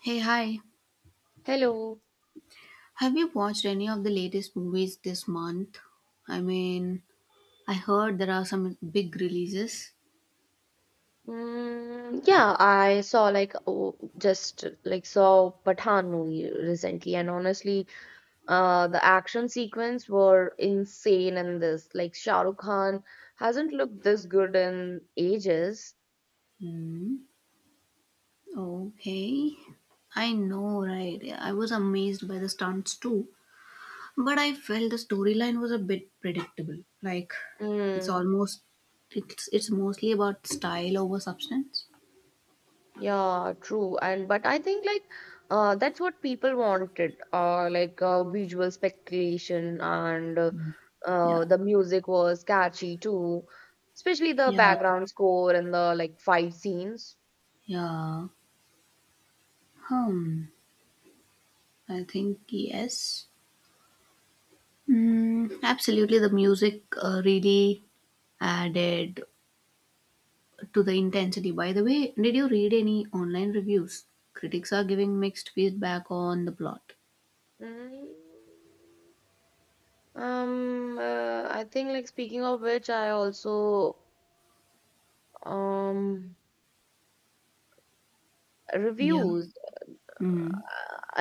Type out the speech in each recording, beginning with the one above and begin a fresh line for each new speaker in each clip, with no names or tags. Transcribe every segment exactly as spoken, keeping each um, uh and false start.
Hey, hi.
Hello.
Have you watched any of the latest movies this month? I mean, I heard there are some big releases.
Mm, yeah, I saw like oh, just like saw Pathan movie recently, and honestly, uh, the action sequence were insane in this. Like Shah Rukh Khan hasn't looked this good in ages.
Hmm. Okay. I know, right? I was amazed by the stunts too, but I felt the storyline was a bit predictable. Like, it's
Mm.
almost it's it's mostly about style over substance.
Yeah, true. And but I think like uh that's what people wanted. Uh like uh, visual speculation and uh,
Yeah.
uh the music was catchy too, especially the
Yeah.
background score and the like fight scenes.
Yeah. Hmm. I think yes. Mm, absolutely, the music uh, really added to the intensity. By the way, did you read any online reviews? Critics are giving mixed feedback on the plot.
Mm. Um uh, I think like speaking of which I also um
Yeah.
reviews.
Mm,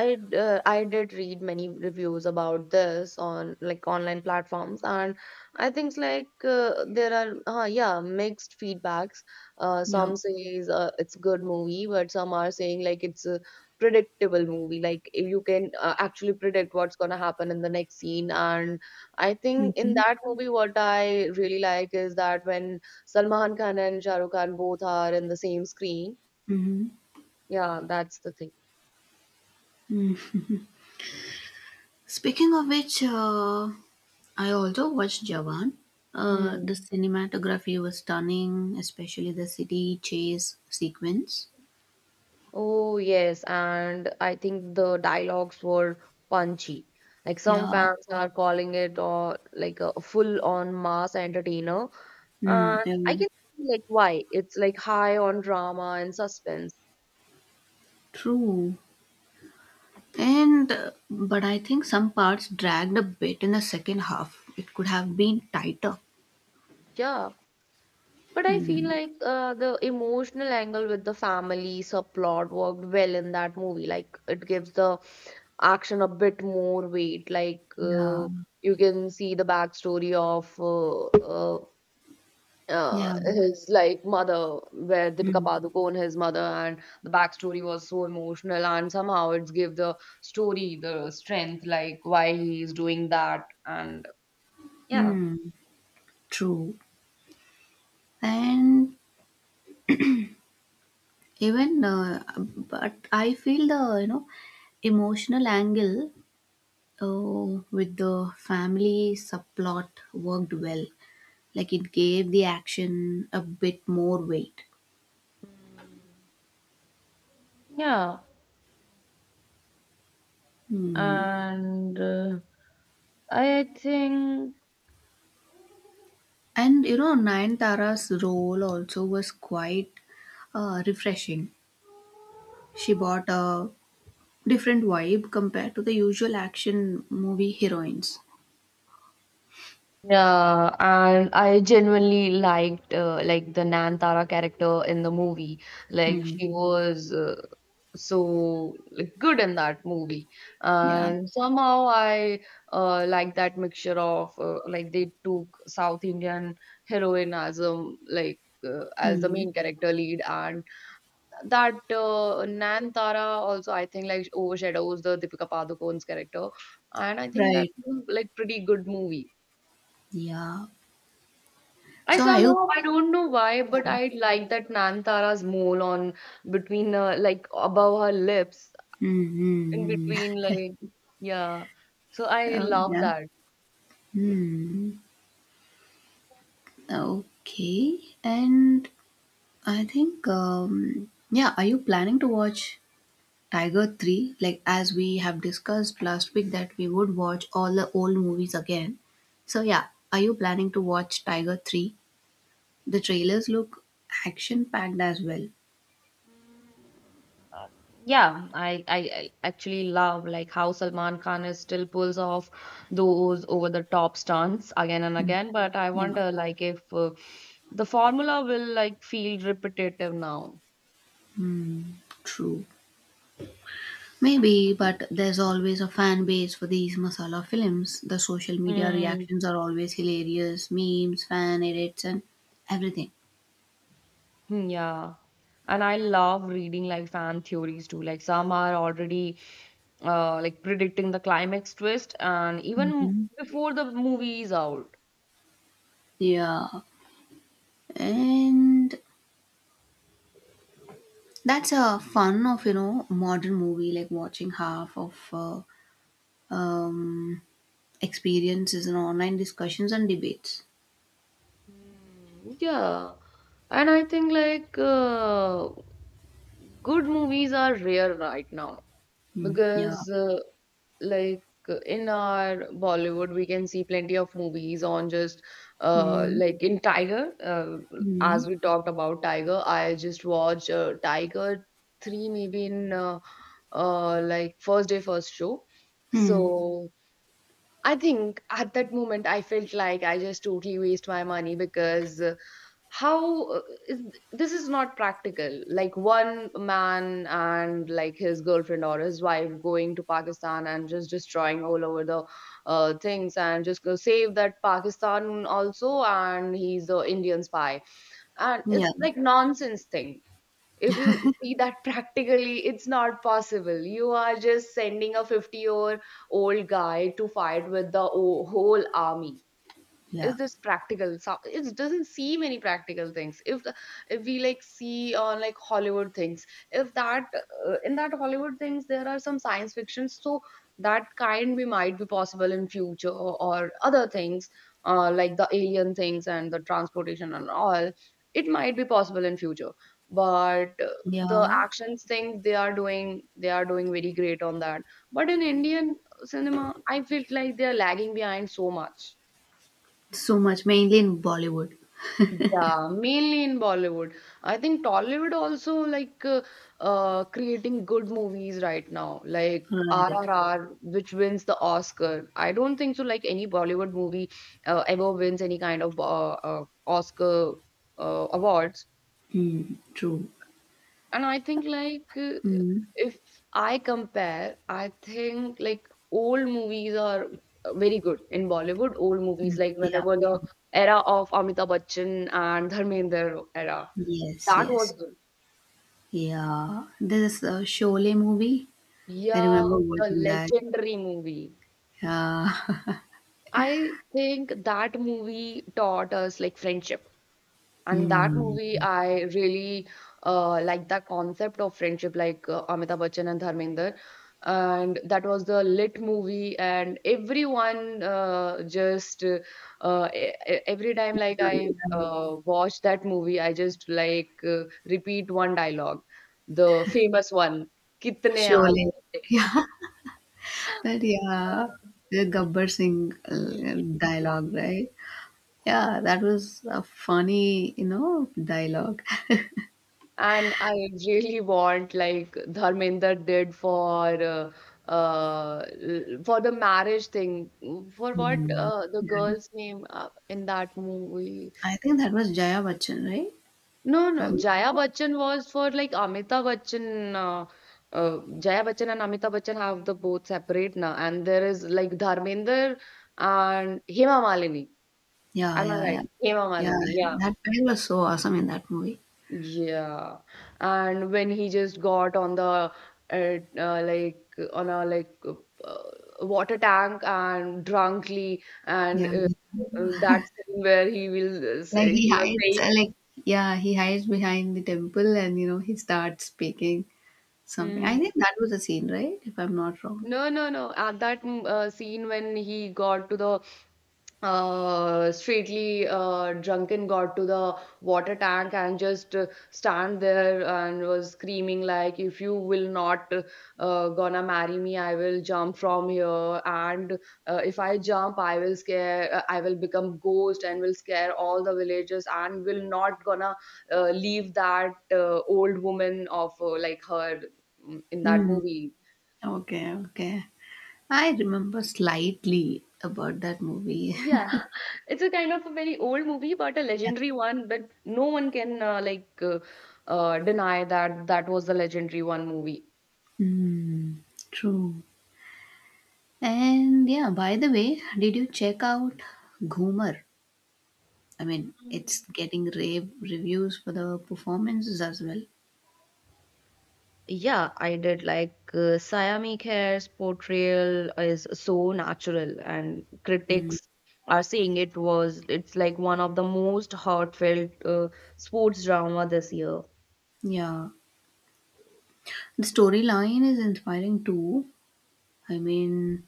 I uh, I did read many reviews about this on like online platforms, and I think like uh, there are uh, yeah mixed feedbacks. Uh,
yep.
some says uh, it's a good movie, but some are saying like it's a predictable movie. Like you can uh, actually predict what's gonna happen in the next scene. And I think in
Mm-hmm.
that movie, what I really like is that when Salman Khan and Shah Rukh Khan both are in the same screen.
hmm
Yeah, that's the thing.
Speaking of which, uh, I also watched Jawan. Uh, the
Hmm.
cinematography was stunning, especially the city chase sequence.
Oh, yes, and I think the dialogues were punchy. Like some
Yeah.
fans are calling it or like a full-on mass entertainer,
Mm,
and I
um,
can see like why. It's like high on drama and suspense.
True. And uh, but I think some parts dragged a bit in the second half. It could have been tighter.
Yeah, but I feel like uh, the emotional angle with the family subplot worked well in that movie. Like it gives the action a bit more weight. Like
Yeah,
uh, you can see the backstory of uh, uh, uh,
yeah.
his like mother, where Deepika
Hmm.
Padukone, his mother, and the backstory was so emotional, and somehow it's give the story the strength, like why he is doing that, and yeah.
Hmm. True. And even uh, but I feel the you know emotional angle uh, with the family subplot worked well. Like it gave the action a bit more weight.
Yeah,
Hmm.
and uh, I think.
And you know, Nayantara's role also was quite uh, refreshing. She bought a different vibe compared to the usual action movie heroines.
Yeah, and I genuinely liked uh, like the Nantara character in the movie. Like
Hmm.
she was uh, So like, good in that movie,
Yeah.
and somehow I uh, like that mixture of uh, like they took South Indian heroine as um like uh, as the
Hmm.
main character lead, and that uh, Nantara also I think like overshadows the Deepika Padukone's character, and I think that's
Right.
like pretty good movie.
Yeah.
I
So I. hope.
somehow I don't know why,
Yeah.
but I like that Nantara's mole on between uh, like above her lips, in
Mm-hmm.
between like yeah. So I
Yeah.
love
Yeah.
that.
Hmm. Okay. And I think. Um, yeah. Are you planning to watch Tiger Three? Like as we have discussed last week that we would watch all the old movies again. So yeah. Are you planning to watch Tiger Three? The trailers look action packed as well.
Uh, yeah, I, I I actually love like how Salman Khan is still pulls off those over the top stunts again and
Mm,
again. But I
yeah.
wonder like if uh, the formula will like feel repetitive now.
Hmm, true. Maybe, but there's always a fan base for these masala films. The social media
Mm.
reactions are always hilarious memes, fan edits, and everything.
Hmm, yeah. And I love reading like fan theories too. Like some are already uh, like predicting the climax twist and even
hmm
before the movie is out.
Yeah, and that's a fun of you know modern movie like watching half of uh, um, experiences and online discussions and debates.
Hmm, yeah. And I think like uh, good movies are rare right now
Hmm. Yeah.
because uh, like uh, in our Bollywood, we can see plenty of movies on just uh,
Mm.
like in Tiger. Uh,
Mm.
as we talked about Tiger, I just watched uh, Tiger three maybe in uh, uh, like first day, first show.
Hmm.
So I think at that moment I felt like I just totally waste my money because uh, how uh, is this is not practical like one man and like his girlfriend or his wife going to Pakistan and just destroying all over the uh, things and just go save that Pakistan also and he's the Indian spy and
Yeah.
it's like nonsense thing if you see that practically it's not possible. You are just sending a fifty year old guy to fight with the o- whole army.
Yeah,
Is this practical? So it doesn't see many practical things. If the, if we like see on like Hollywood things, if that uh, in that Hollywood things there are some science fiction, so that kind we might be possible in future or other things, uh, like the alien things and the transportation and all, it might be possible in future. But uh, the
yeah,
actions things they are doing, they are doing very great on that, but in Indian cinema I feel like they are lagging behind so much.
so much, mainly in Bollywood.
Yeah, mainly in Bollywood. I think Tollywood also like uh, uh, creating good movies right now, like
Right.
R R R, which wins the Oscar. I don't think so. Like any Bollywood movie uh, ever wins any kind of uh, uh, Oscar uh, awards.
Mm, true.
And I think like uh,
Mm,
if I compare, I think like old movies are very good in Bollywood. Old movies
mm,
like
yeah,
whenever the
true.
era of Amitabh Bachchan and Dharmender era.
Yes,
That was
yes. Yeah. There's a Sholay movie. I
yeah,
remember
the
watching that.
legendary movie.
Yeah.
I think that movie taught us like friendship. And that
Mm.
movie, I really uh, like the concept of friendship, like uh, Amitabh Bachchan and Dharmender. And that was the lit movie, and everyone uh, just uh, uh, e- e- every time like
Enjoyed
I
it. Um,
uh, watch that movie, I just like uh, repeat one dialogue, the famous one, "Kitne aadmi
Sholay.
hai?"
That, yeah. The Gabbar Singh uh,
Yeah.
dialogue, right? Yeah, that was a funny, you know, dialogue.
And I really want like Dharmender did for uh, uh, l- for the marriage thing. For what
Mm,
uh, the
right.
girl's name uh, in that movie?
I think that was Jaya Bachchan, right? If
No,
I'm
no.
not
Jaya
wrong.
Bachchan was for like Amitabh Bachchan. Uh, uh, Jaya Bachchan and Amitabh Bachchan have the both separate now, and there is like Dharmender and Hema Malini.
Yeah,
Am I
yeah,
right?
yeah.
Hema
Yeah,
Malini. Yeah.
that guy was so awesome in that movie.
Yeah, and when he just got on the uh, uh, like on a like uh, uh, water tank and drunkly and
Yeah.
uh, uh, that scene where he will uh,
Like
say
he
he was
hides
saying.
uh, like yeah, he hides behind the temple and you know, he starts speaking something. I
Mm.
think that was the scene, right? If I'm not wrong.
No no no at that mm, uh, scene when he got to the uh, straightly uh, drunken got to the water tank and just uh, stand there and was screaming like if you will not uh, gonna marry me, I will jump from here, and uh, if I jump I will scare uh, I will become ghost and will scare all the villagers and will not gonna uh, leave that uh, old woman of uh, like her mm, in that
Mm.
movie.
Okay, okay. I remember slightly about that movie.
Yeah, it's a kind of a very old movie, but a
Yeah.
legendary one. But no one can uh, like uh, uh, deny that that was the legendary one movie.
Mm, true. And yeah, by the way, did you check out Goomer? I mean, it's
Mm.
getting rave reviews for the performances as well.
Yeah, I did like uh, Siami Khair's portrayal is so natural, and critics are saying it was it's like one of the most heartfelt uh, sports drama this year.
Yeah, the storyline is inspiring too. I mean,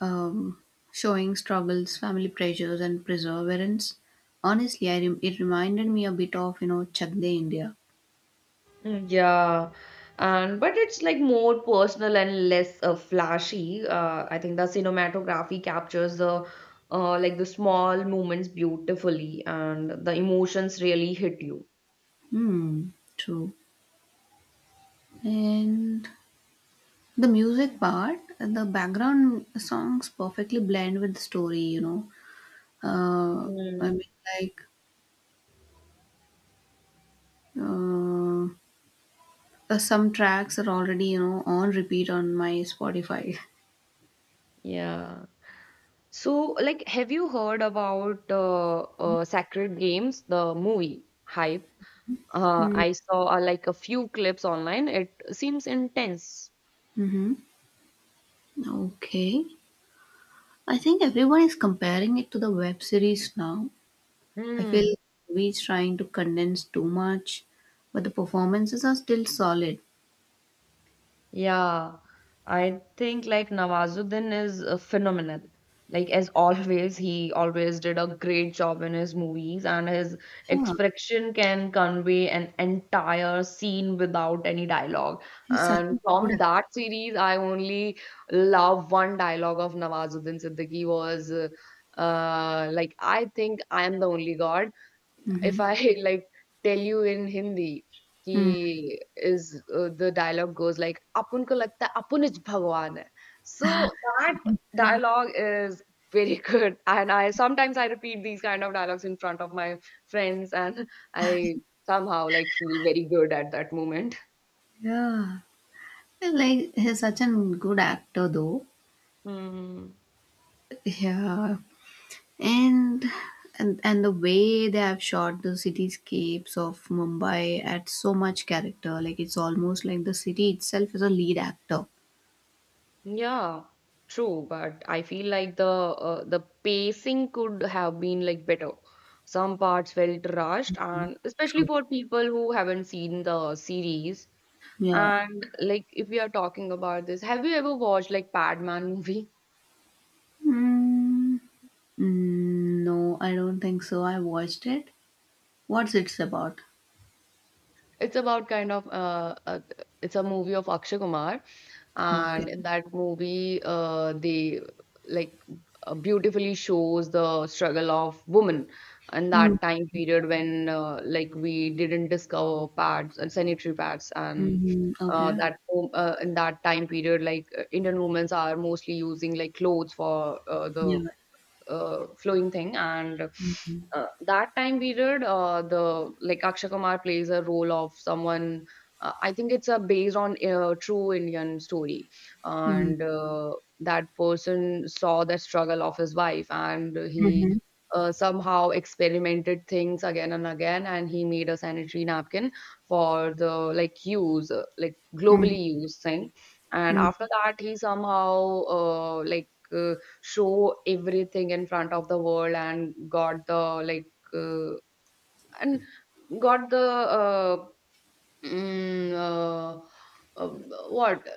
um, showing struggles, family pressures, and perseverance. Honestly, I rem- it reminded me a bit of you know Chak De India.
Yeah, and but it's like more personal and less uh, flashy. Uh, I think the cinematography captures the uh, like the small moments beautifully, and the emotions really hit you.
Hmm, true. And the music part, the background songs perfectly blend with the story. You know, uh, I
Mm,
mean, like uh, uh, some tracks are already you know on repeat on my Spotify.
yeah. So, like, have you heard about uh, uh, Sacred Games, the movie hype? Uh,
Hmm,
I saw uh, like a few clips online. It seems intense.
mm-hmm. Okay. I think everyone is comparing it to the web series now. I feel
Hmm.
we trying to condense too much, but the performances are still solid.
Yeah, I think like Nawazuddin is uh, phenomenal. Like as always, he always did a great job in his movies, and his
Yeah,
expression can convey an entire scene without any dialogue.
he's such
And
a
from
good.
that series, I only love one dialogue of Nawazuddin Siddiqui was, uh, uh, like I think I am the only God
Mm-hmm.
if I like tell you in Hindi
Mm.
कि is uh, the dialogue goes like "अपन को लगता है अपन ही भगवान है." So that dialogue is very good, and I sometimes I repeat these kind of dialogues in front of my friends, and I somehow like feel very good at that moment.
Yeah, like he's such a good actor though.
Hmm.
Yeah, and and and the way they have shot the cityscapes of Mumbai adds so much character. Like it's almost like the city itself is a lead actor.
Yeah, true, but I feel like the uh, the pacing could have been like better. Some parts felt rushed, and especially
True.
for people who haven't seen the series.
Yeah.
And like, if we are talking about this, have you ever watched like Padman movie?
Mm. Mm, no, I don't think so. I watched it. What's it's about?
It's about kind of uh, uh it's a movie of Akshay Kumar.
Okay.
And in that movie, uh, they like uh, beautifully shows the struggle of women in
Mm,
that time period when uh, like we didn't discover pads and sanitary pads,
hmm
and
mm-hmm,
uh,
okay.
that wo- uh, in that time period like uh, Indian women are mostly using like clothes for uh, the
Yeah.
uh, flowing thing, and
Mm-hmm.
uh, that time period uh, the like Akshay Kumar plays a role of someone. uh, I think it's a based on a true Indian story,
Mm-hmm.
and uh, that person saw the struggle of his wife, and he
Mm-hmm.
uh, somehow experimented things again and again and he made a sanitary napkin for the like use uh, like
Mm-hmm.
globally used thing. And after that he somehow uh, like like, uh, show everything in front of the world and got the like uh, and got the uh, Mm, uh, uh, what?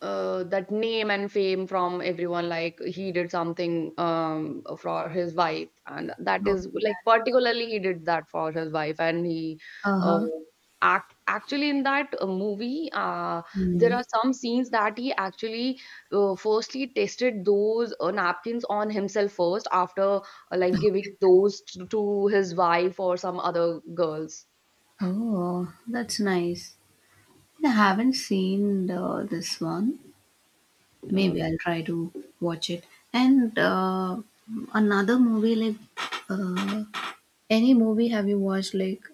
Uh, that name and fame from everyone, like he did something um, for his wife, and that
Oh,
is like particularly he did that for his wife, and he uh,
uh-huh.
act actually in that uh, movie, uh, there
Mm.
are some scenes that he actually uh, firstly tested those uh, napkins on himself first, after uh, like giving those to, to his wife or some other girls.
Oh, that's nice. I haven't seen the, this one.
Uh,
Maybe I'll try to watch it. And uh, another movie, like uh, any movie have you watched? Like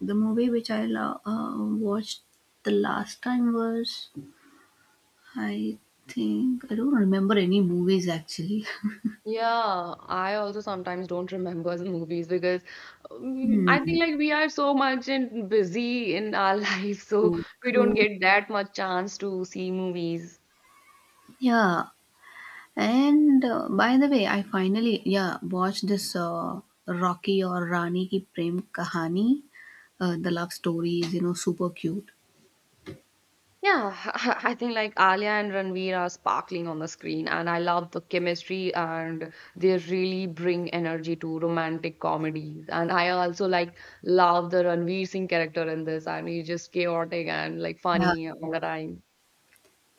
the movie which I lo- uh, watched the last time was I think I don't remember any movies actually.
Yeah, I also sometimes don't remember the movies because um, I
Hmm.
think like we are so much and busy in our life, so
True,
we don't
true.
get that much chance to see movies.
Yeah. And uh, by the way, I finally yeah watched this uh, Rocky or Rani Ki Prem Kahani. Uh, the love story is you know super cute.
Yeah, I think like Alia and Ranveer are sparkling on the screen, and I love the chemistry, and they really bring energy to romantic comedies. And I also like love the Ranveer Singh character in this, and he's just chaotic and like
Yeah,
funny all the time.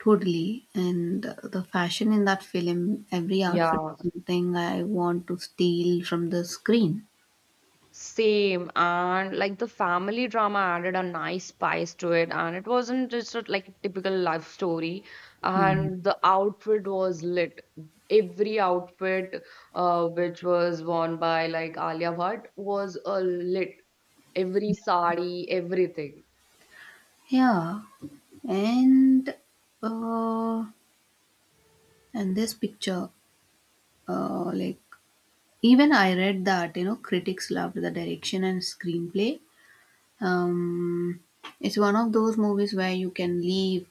totally. And uh, the fashion in that film, every outfit
Yeah.
is something I want to steal from the screen.
Same, and like the family drama added a nice spice to it, and it wasn't just a, like a typical love story.
Hmm.
And the outfit was lit. Every outfit, uh, which was worn by like Alia Bhatt, was a lit. Every sari, everything.
Yeah, and uh, and this picture uh, like even I read that you know critics loved the direction and screenplay. Um, it's one of those movies where you can leave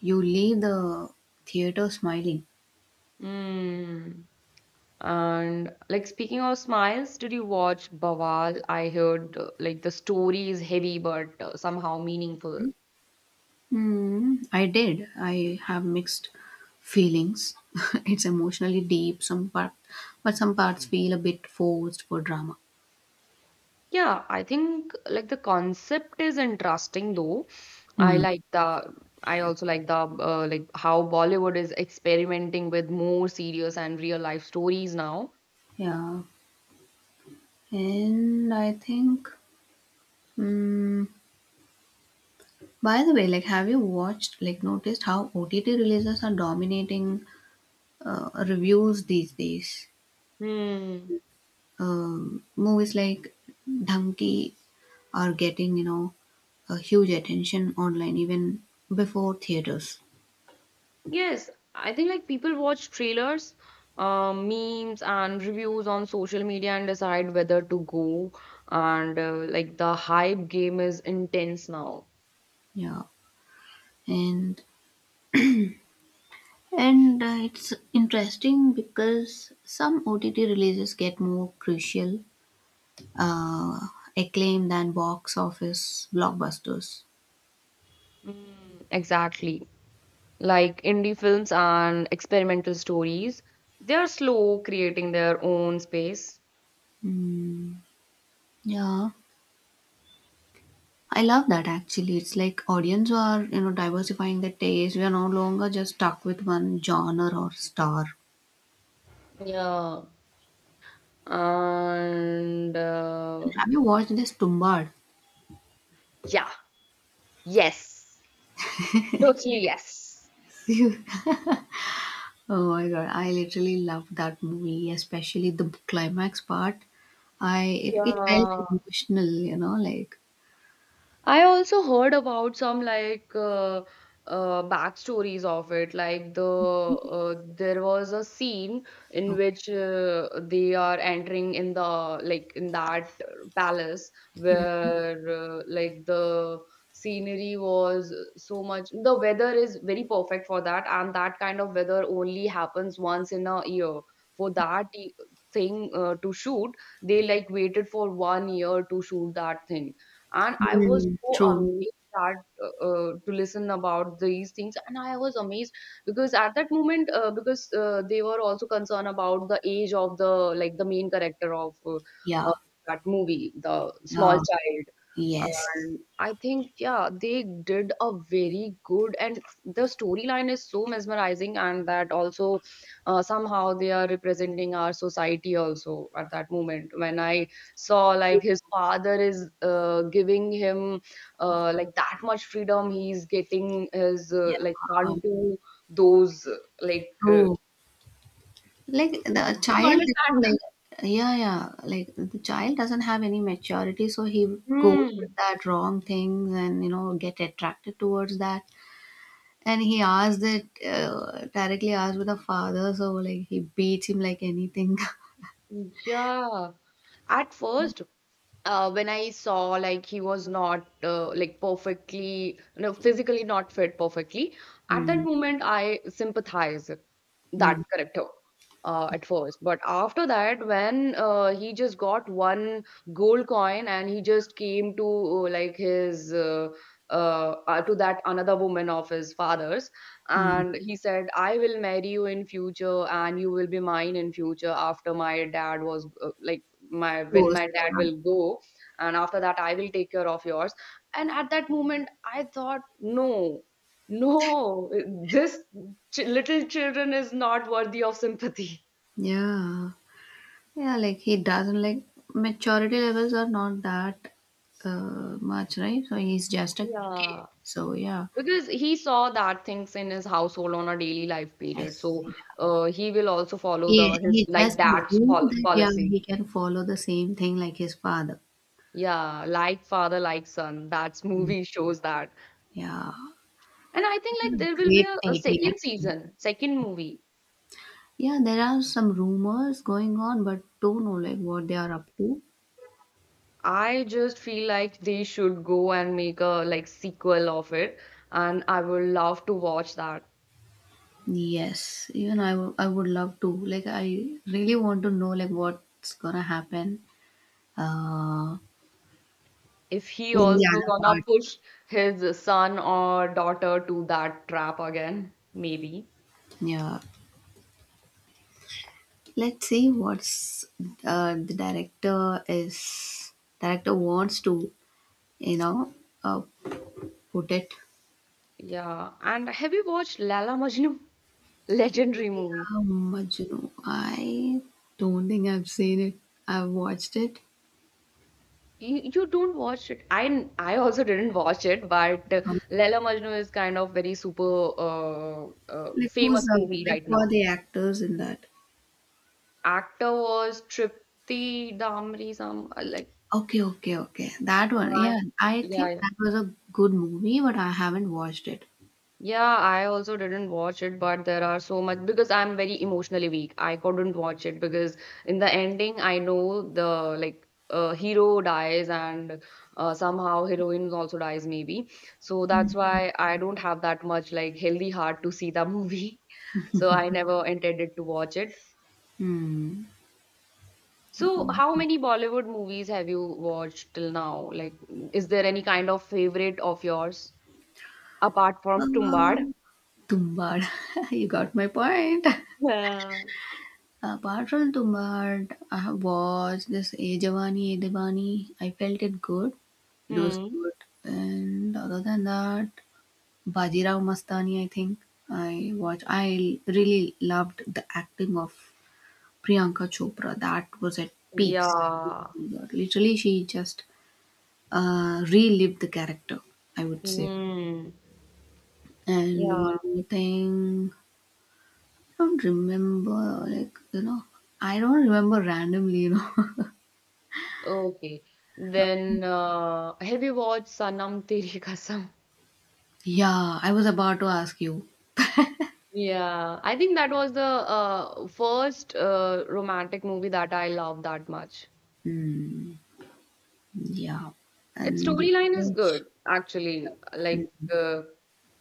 you leave the theater smiling.
Mm. And like speaking of smiles, did you watch Bawal? I heard uh, like the story is heavy, but uh, somehow meaningful.
Hmm, I did. I have mixed feelings. It's emotionally deep, some part, but some parts feel a bit forced for drama.
Yeah, I think like the concept is interesting though. I
Hmm.
like the I also like the uh, like how Bollywood is experimenting with more serious and real life stories now.
Yeah, and I think. Hmm, by the way, like, have you watched, like, noticed how O T T releases are dominating uh, reviews these days?
Hmm.
Um, movies like Dhanki are getting, you know, a huge attention online even before theaters.
Yes, I think like people watch trailers, um, memes, and reviews on social media and decide whether to go. And uh, like the hype game is intense now.
Yeah, and and uh, it's interesting because some O T T releases get more crucial uh, acclaim than box office blockbusters.
Mm, exactly. Like indie films and experimental stories. They're slow creating their own space.
Mm, yeah. I love that actually. It's like audience are, you know, diversifying their taste. We are no longer just stuck with one genre or star.
Yeah. And uh,
Have you watched this Tumbad?
yeah, yes, totally yes.
Oh my god, I literally loved that movie, especially the climax part. I it, it felt
Yeah.
emotional, you know, like
I also heard about some like uh, uh, backstories of it. Like the uh, there was a scene in
okay.
which uh, they are entering in the like in that palace where uh, like the scenery was so much. The weather is very perfect for that, and that kind of weather only happens once in a year. For that e- thing uh, to shoot, they like waited for one year to shoot that thing, and I was
Mm,
so
true.
amazed that uh, uh, to listen about these things, and I was amazed because at that moment uh, because uh, they were also concerned about the age of the like the main character of uh,
Yeah.
uh, that movie, the small
Yeah.
child.
Yes.
And I think yeah they did a very good, and the storyline is so mesmerizing, and that also uh, somehow they are representing our society also at that moment when I saw like his father is uh, giving him uh, like that much freedom, he's getting his uh,
Yeah.
like son to those uh, like uh,
True. Like the
you
child, you know,
understand.
like yeah, yeah, like the child doesn't have any maturity, so he goes with
Hmm.
that wrong things and you know get attracted towards that. And he asked it uh, directly asked with the father, so like he beats him like anything.
Yeah. At first, uh, when I saw like he was not uh, like perfectly, no, physically not fit perfectly, at that
Mm,
moment I sympathize
mm,
that character uh, at first. But after that, when uh, he just got one gold coin and he just came to uh, like his uh, uh, uh, to that another woman of his father's,
mm.
and he said, "I will marry you in future, and you will be mine in future." After my dad was uh, like my when
Goes,
my dad
yeah.
will go and after that I will take care of yours. And at that moment I thought no, no, this ch- little children is not worthy of sympathy.
Yeah. Yeah, like he doesn't like maturity levels are not that uh, much, right? So he's just a kid.
Yeah,
So yeah.
because he saw that things in his household on a daily life period,
Yes.
so uh, he will also follow the
He
his
he
like
just
dad's
assumed
pol-
that yeah,
policy.
he can follow the same thing like his father.
Yeah, like father like son, that's movie shows that.
Yeah,
And I think like there will be
great
a, a
taking
second
action.
season second movie.
Yeah, there are some rumors going on, but don't know like what they are up to.
I just feel like they should go and make a like sequel of it, and I would love to watch that.
Yes, even I wou- I would love to. Like I really want to know like what's gonna happen uh
If he
in the
also
other
gonna
part.
push his son or daughter to that trap again, maybe.
Yeah. Let's see what's uh, the director is director wants to, you know, uh, put it.
Yeah. And have you watched Lala Majnu? Legendary movie.
Yeah, Majnu. I don't think I've seen it. I've watched it.
You, you don't watch it. I I also didn't watch it, but uh,
Um,
Laila Majnu is kind of very super uh, uh,
like who's
famous
the,
movie
like
right
who are
now.
the actors in that?
Actor was Tripti Damri, some uh, like
Okay, okay, okay. That one.
I
Yeah, I
yeah,
think
yeah.
that was a good movie, but I haven't watched it.
Yeah, I also didn't watch it, but there are so much because I'm very emotionally weak. I couldn't watch it because in the ending, I know the like uh, hero dies, and uh, somehow heroine also dies maybe. So that's why I don't have that much like healthy heart to see the movie. So I never intended to watch it.
Hmm.
So how
Okay.
many Bollywood movies have you watched till now? Like, is there any kind of favorite of yours apart from Tumbad?
Um, Tumbad. You got my point.
Yeah.
Apart from Tumbad, I have watched this A Jawani A Diwani. I felt it good. It was
Hmm.
good. And other than that. Bajirao Mastani, I think. I watch. I really loved the acting of Priyanka Chopra. That was at peaks.
Yeah.
Literally, she just uh, relived the character. I would say.
Hmm.
And
Yeah.
one more thing, I don't remember. Like you know, I don't remember randomly. You know.
Okay. Then uh, have you watched Sanam Teri Kasam?
Yeah, I was about to ask you.
Yeah. I think that was the uh, first uh, romantic movie that I loved that much.
Hmm. Yeah,
Its
and the
storyline is
image.
good, actually. Like, uh,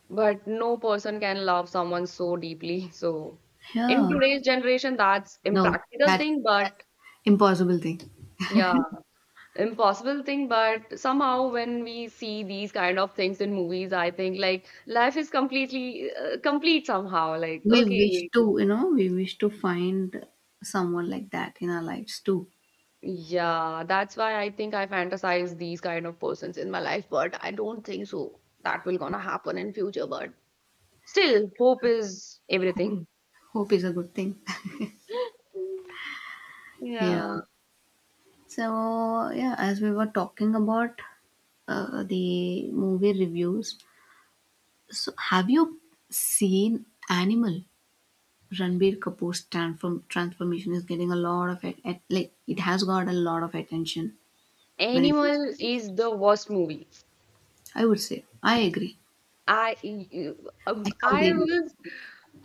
but no person can love someone so deeply. So, in
Yeah.
today's generation, that's
No,
impractical
that's
thing.
that's
But
impossible thing.
yeah. Impossible thing, but somehow when we see these kind of things in movies I think like life is completely uh, complete somehow like
We wish
okay.
to you know we wish to find someone like that in our lives too.
Yeah, that's why I think I fantasize these kind of persons in my life, but I don't think so that will gonna happen in future, but still hope is everything.
Hope is a good thing. Yeah,
Yeah.
so yeah, as we were talking about uh, the movie reviews, so have you seen Animal? Ranbir Kapoor's transform- transformation is getting a lot of it, at like it has got a lot of attention when it was
Animal
released.
is the worst movie.
I would say I agree.
I you-
I
um, I
completely
was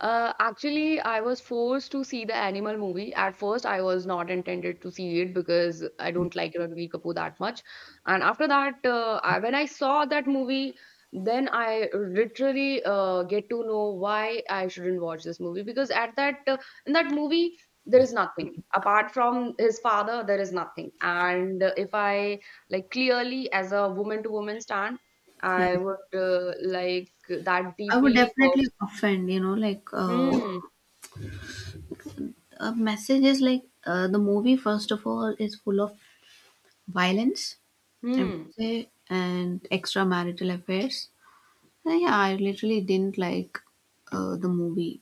uh, actually I was forced to see the Animal movie. At first, I was not intended to see it because I don't like Ranveer Kapoor that much. And after that, uh, I, when I saw that movie, then I literally uh, get to know why I shouldn't watch this movie because at that uh, in that movie there is nothing apart from his father. There is nothing, and uh, if I like clearly as a woman to woman stand
yeah
I would uh, like that
I would
deeply
definitely
works.
offend you know like uh
Hmm.
a message is like uh, the movie first of all is full of violence, I would
Hmm.
say, and extramarital affairs. And yeah, I literally didn't like uh, the movie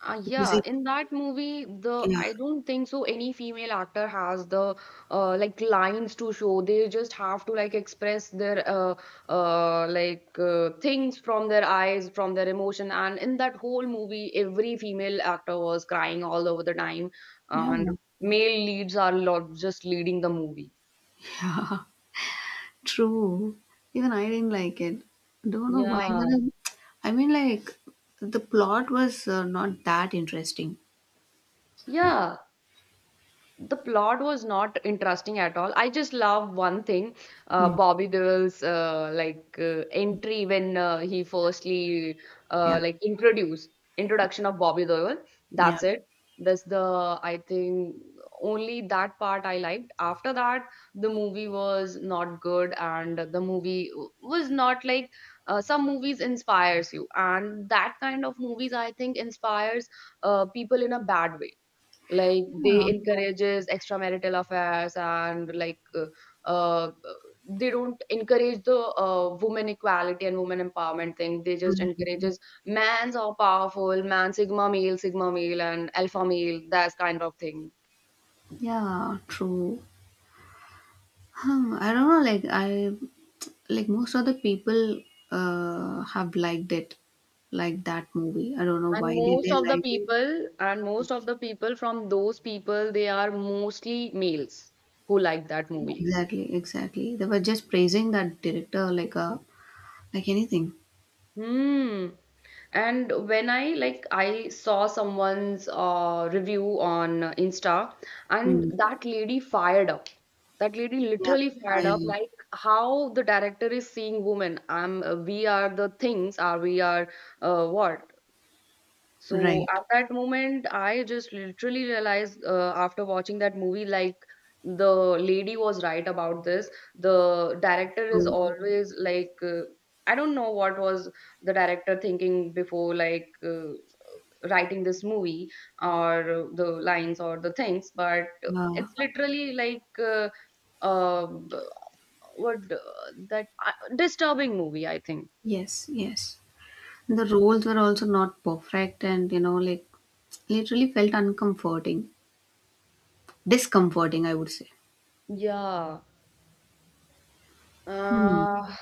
Uh,
because
yeah,
it
in that movie, the
yeah
I don't think so any female actor has the uh, like lines to show. They just have to like express their uh, uh, like uh, things from their eyes, from their emotion. And in that whole movie, every female actor was crying all over the time,
yeah
and male leads are lot just leading the movie.
true. Even I didn't like it, don't know why,
Yeah.
but I, I mean like the plot was uh, not that interesting.
Yeah. The plot was not interesting at all. I just love one thing, uh,
Hmm.
Bobby Devil's uh, like uh, entry when uh, he firstly
Yeah,
uh, like introduced introduction of Bobby Deol.
yeah,
That's it. That's the I think only that part I liked. After that, the movie was not good, and the movie was not like uh, some movies inspires you, and that kind of movies I think inspires uh, people in a bad way, like
yeah,
they encourages extramarital affairs and like uh, uh, they don't encourage the uh, women equality and women empowerment thing, they just encourages men's are powerful man sigma male sigma male and alpha male that kind of thing.
yeah, true. Huh, I don't know, like I like most of the people uh have liked it, like that movie. I don't know
And
why did
most
they
of the
like it.
people and most of the people from those people they are mostly males who like that movie.
Exactly, exactly. They were just praising that director like a, like anything.
Hmm. And when I like I saw someone's uh, review on insta, and
Mm.
that lady fired up, that lady
Yeah,
literally
yeah,
fired up
yeah.
like how the director is seeing women, I'm we are the things are we are uh, what. So
Right.
at that moment, I just literally realized uh, after watching that movie, like the lady was right about this. The director is
Oh,
always like, uh, I don't know what was the director thinking before, like uh, writing this movie or the lines or the things, but
yeah.
it's literally like uh, uh, what uh, that uh, disturbing movie, I think.
Yes, yes. The roles were also not perfect and you know, like literally felt uncomforting. Discomforting, I would say.
Yeah.
Hmm.
Uh,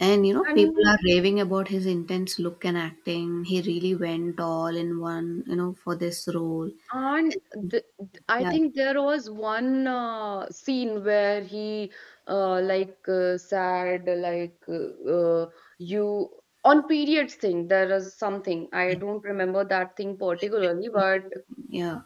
And you know, people
and
are raving about his intense look and acting. He really went all in one, you know, for this role.
And
And,
th th I
yeah,
think there was one uh, scene where he uh, like uh, said like uh, uh, you on periods thing there is something I
yeah,
don't remember that thing particularly but
yeah,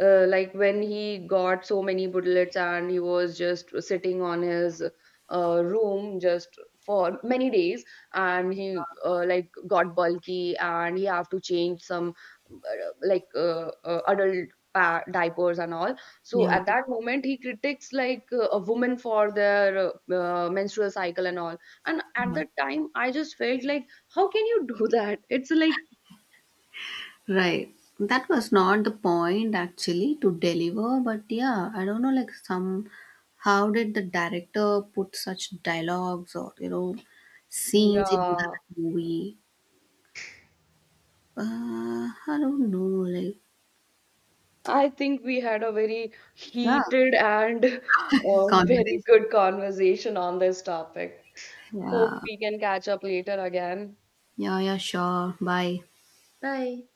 uh, like when he got so many bullets and he was just sitting on his uh, room just for many days, and he uh, like got bulky and he have to change some uh, like uh, uh, adult pa- diapers and all. So
yeah,
at that moment he critiques like uh, a woman for their uh, uh, menstrual cycle and all. And at
yeah.
that time I just felt like how can you do that, it's like
Right. That was not the point actually to deliver, but yeah, I don't know, like some how did the director put such dialogues or you know scenes into
yeah.
that movie? Uh, I don't know, like
I think we had a very
yeah,
heated and uh, very
conversation.
good conversation on this topic. Hope
Yeah.
we can catch up later again.
Yeah, yeah, sure. Bye.
Bye.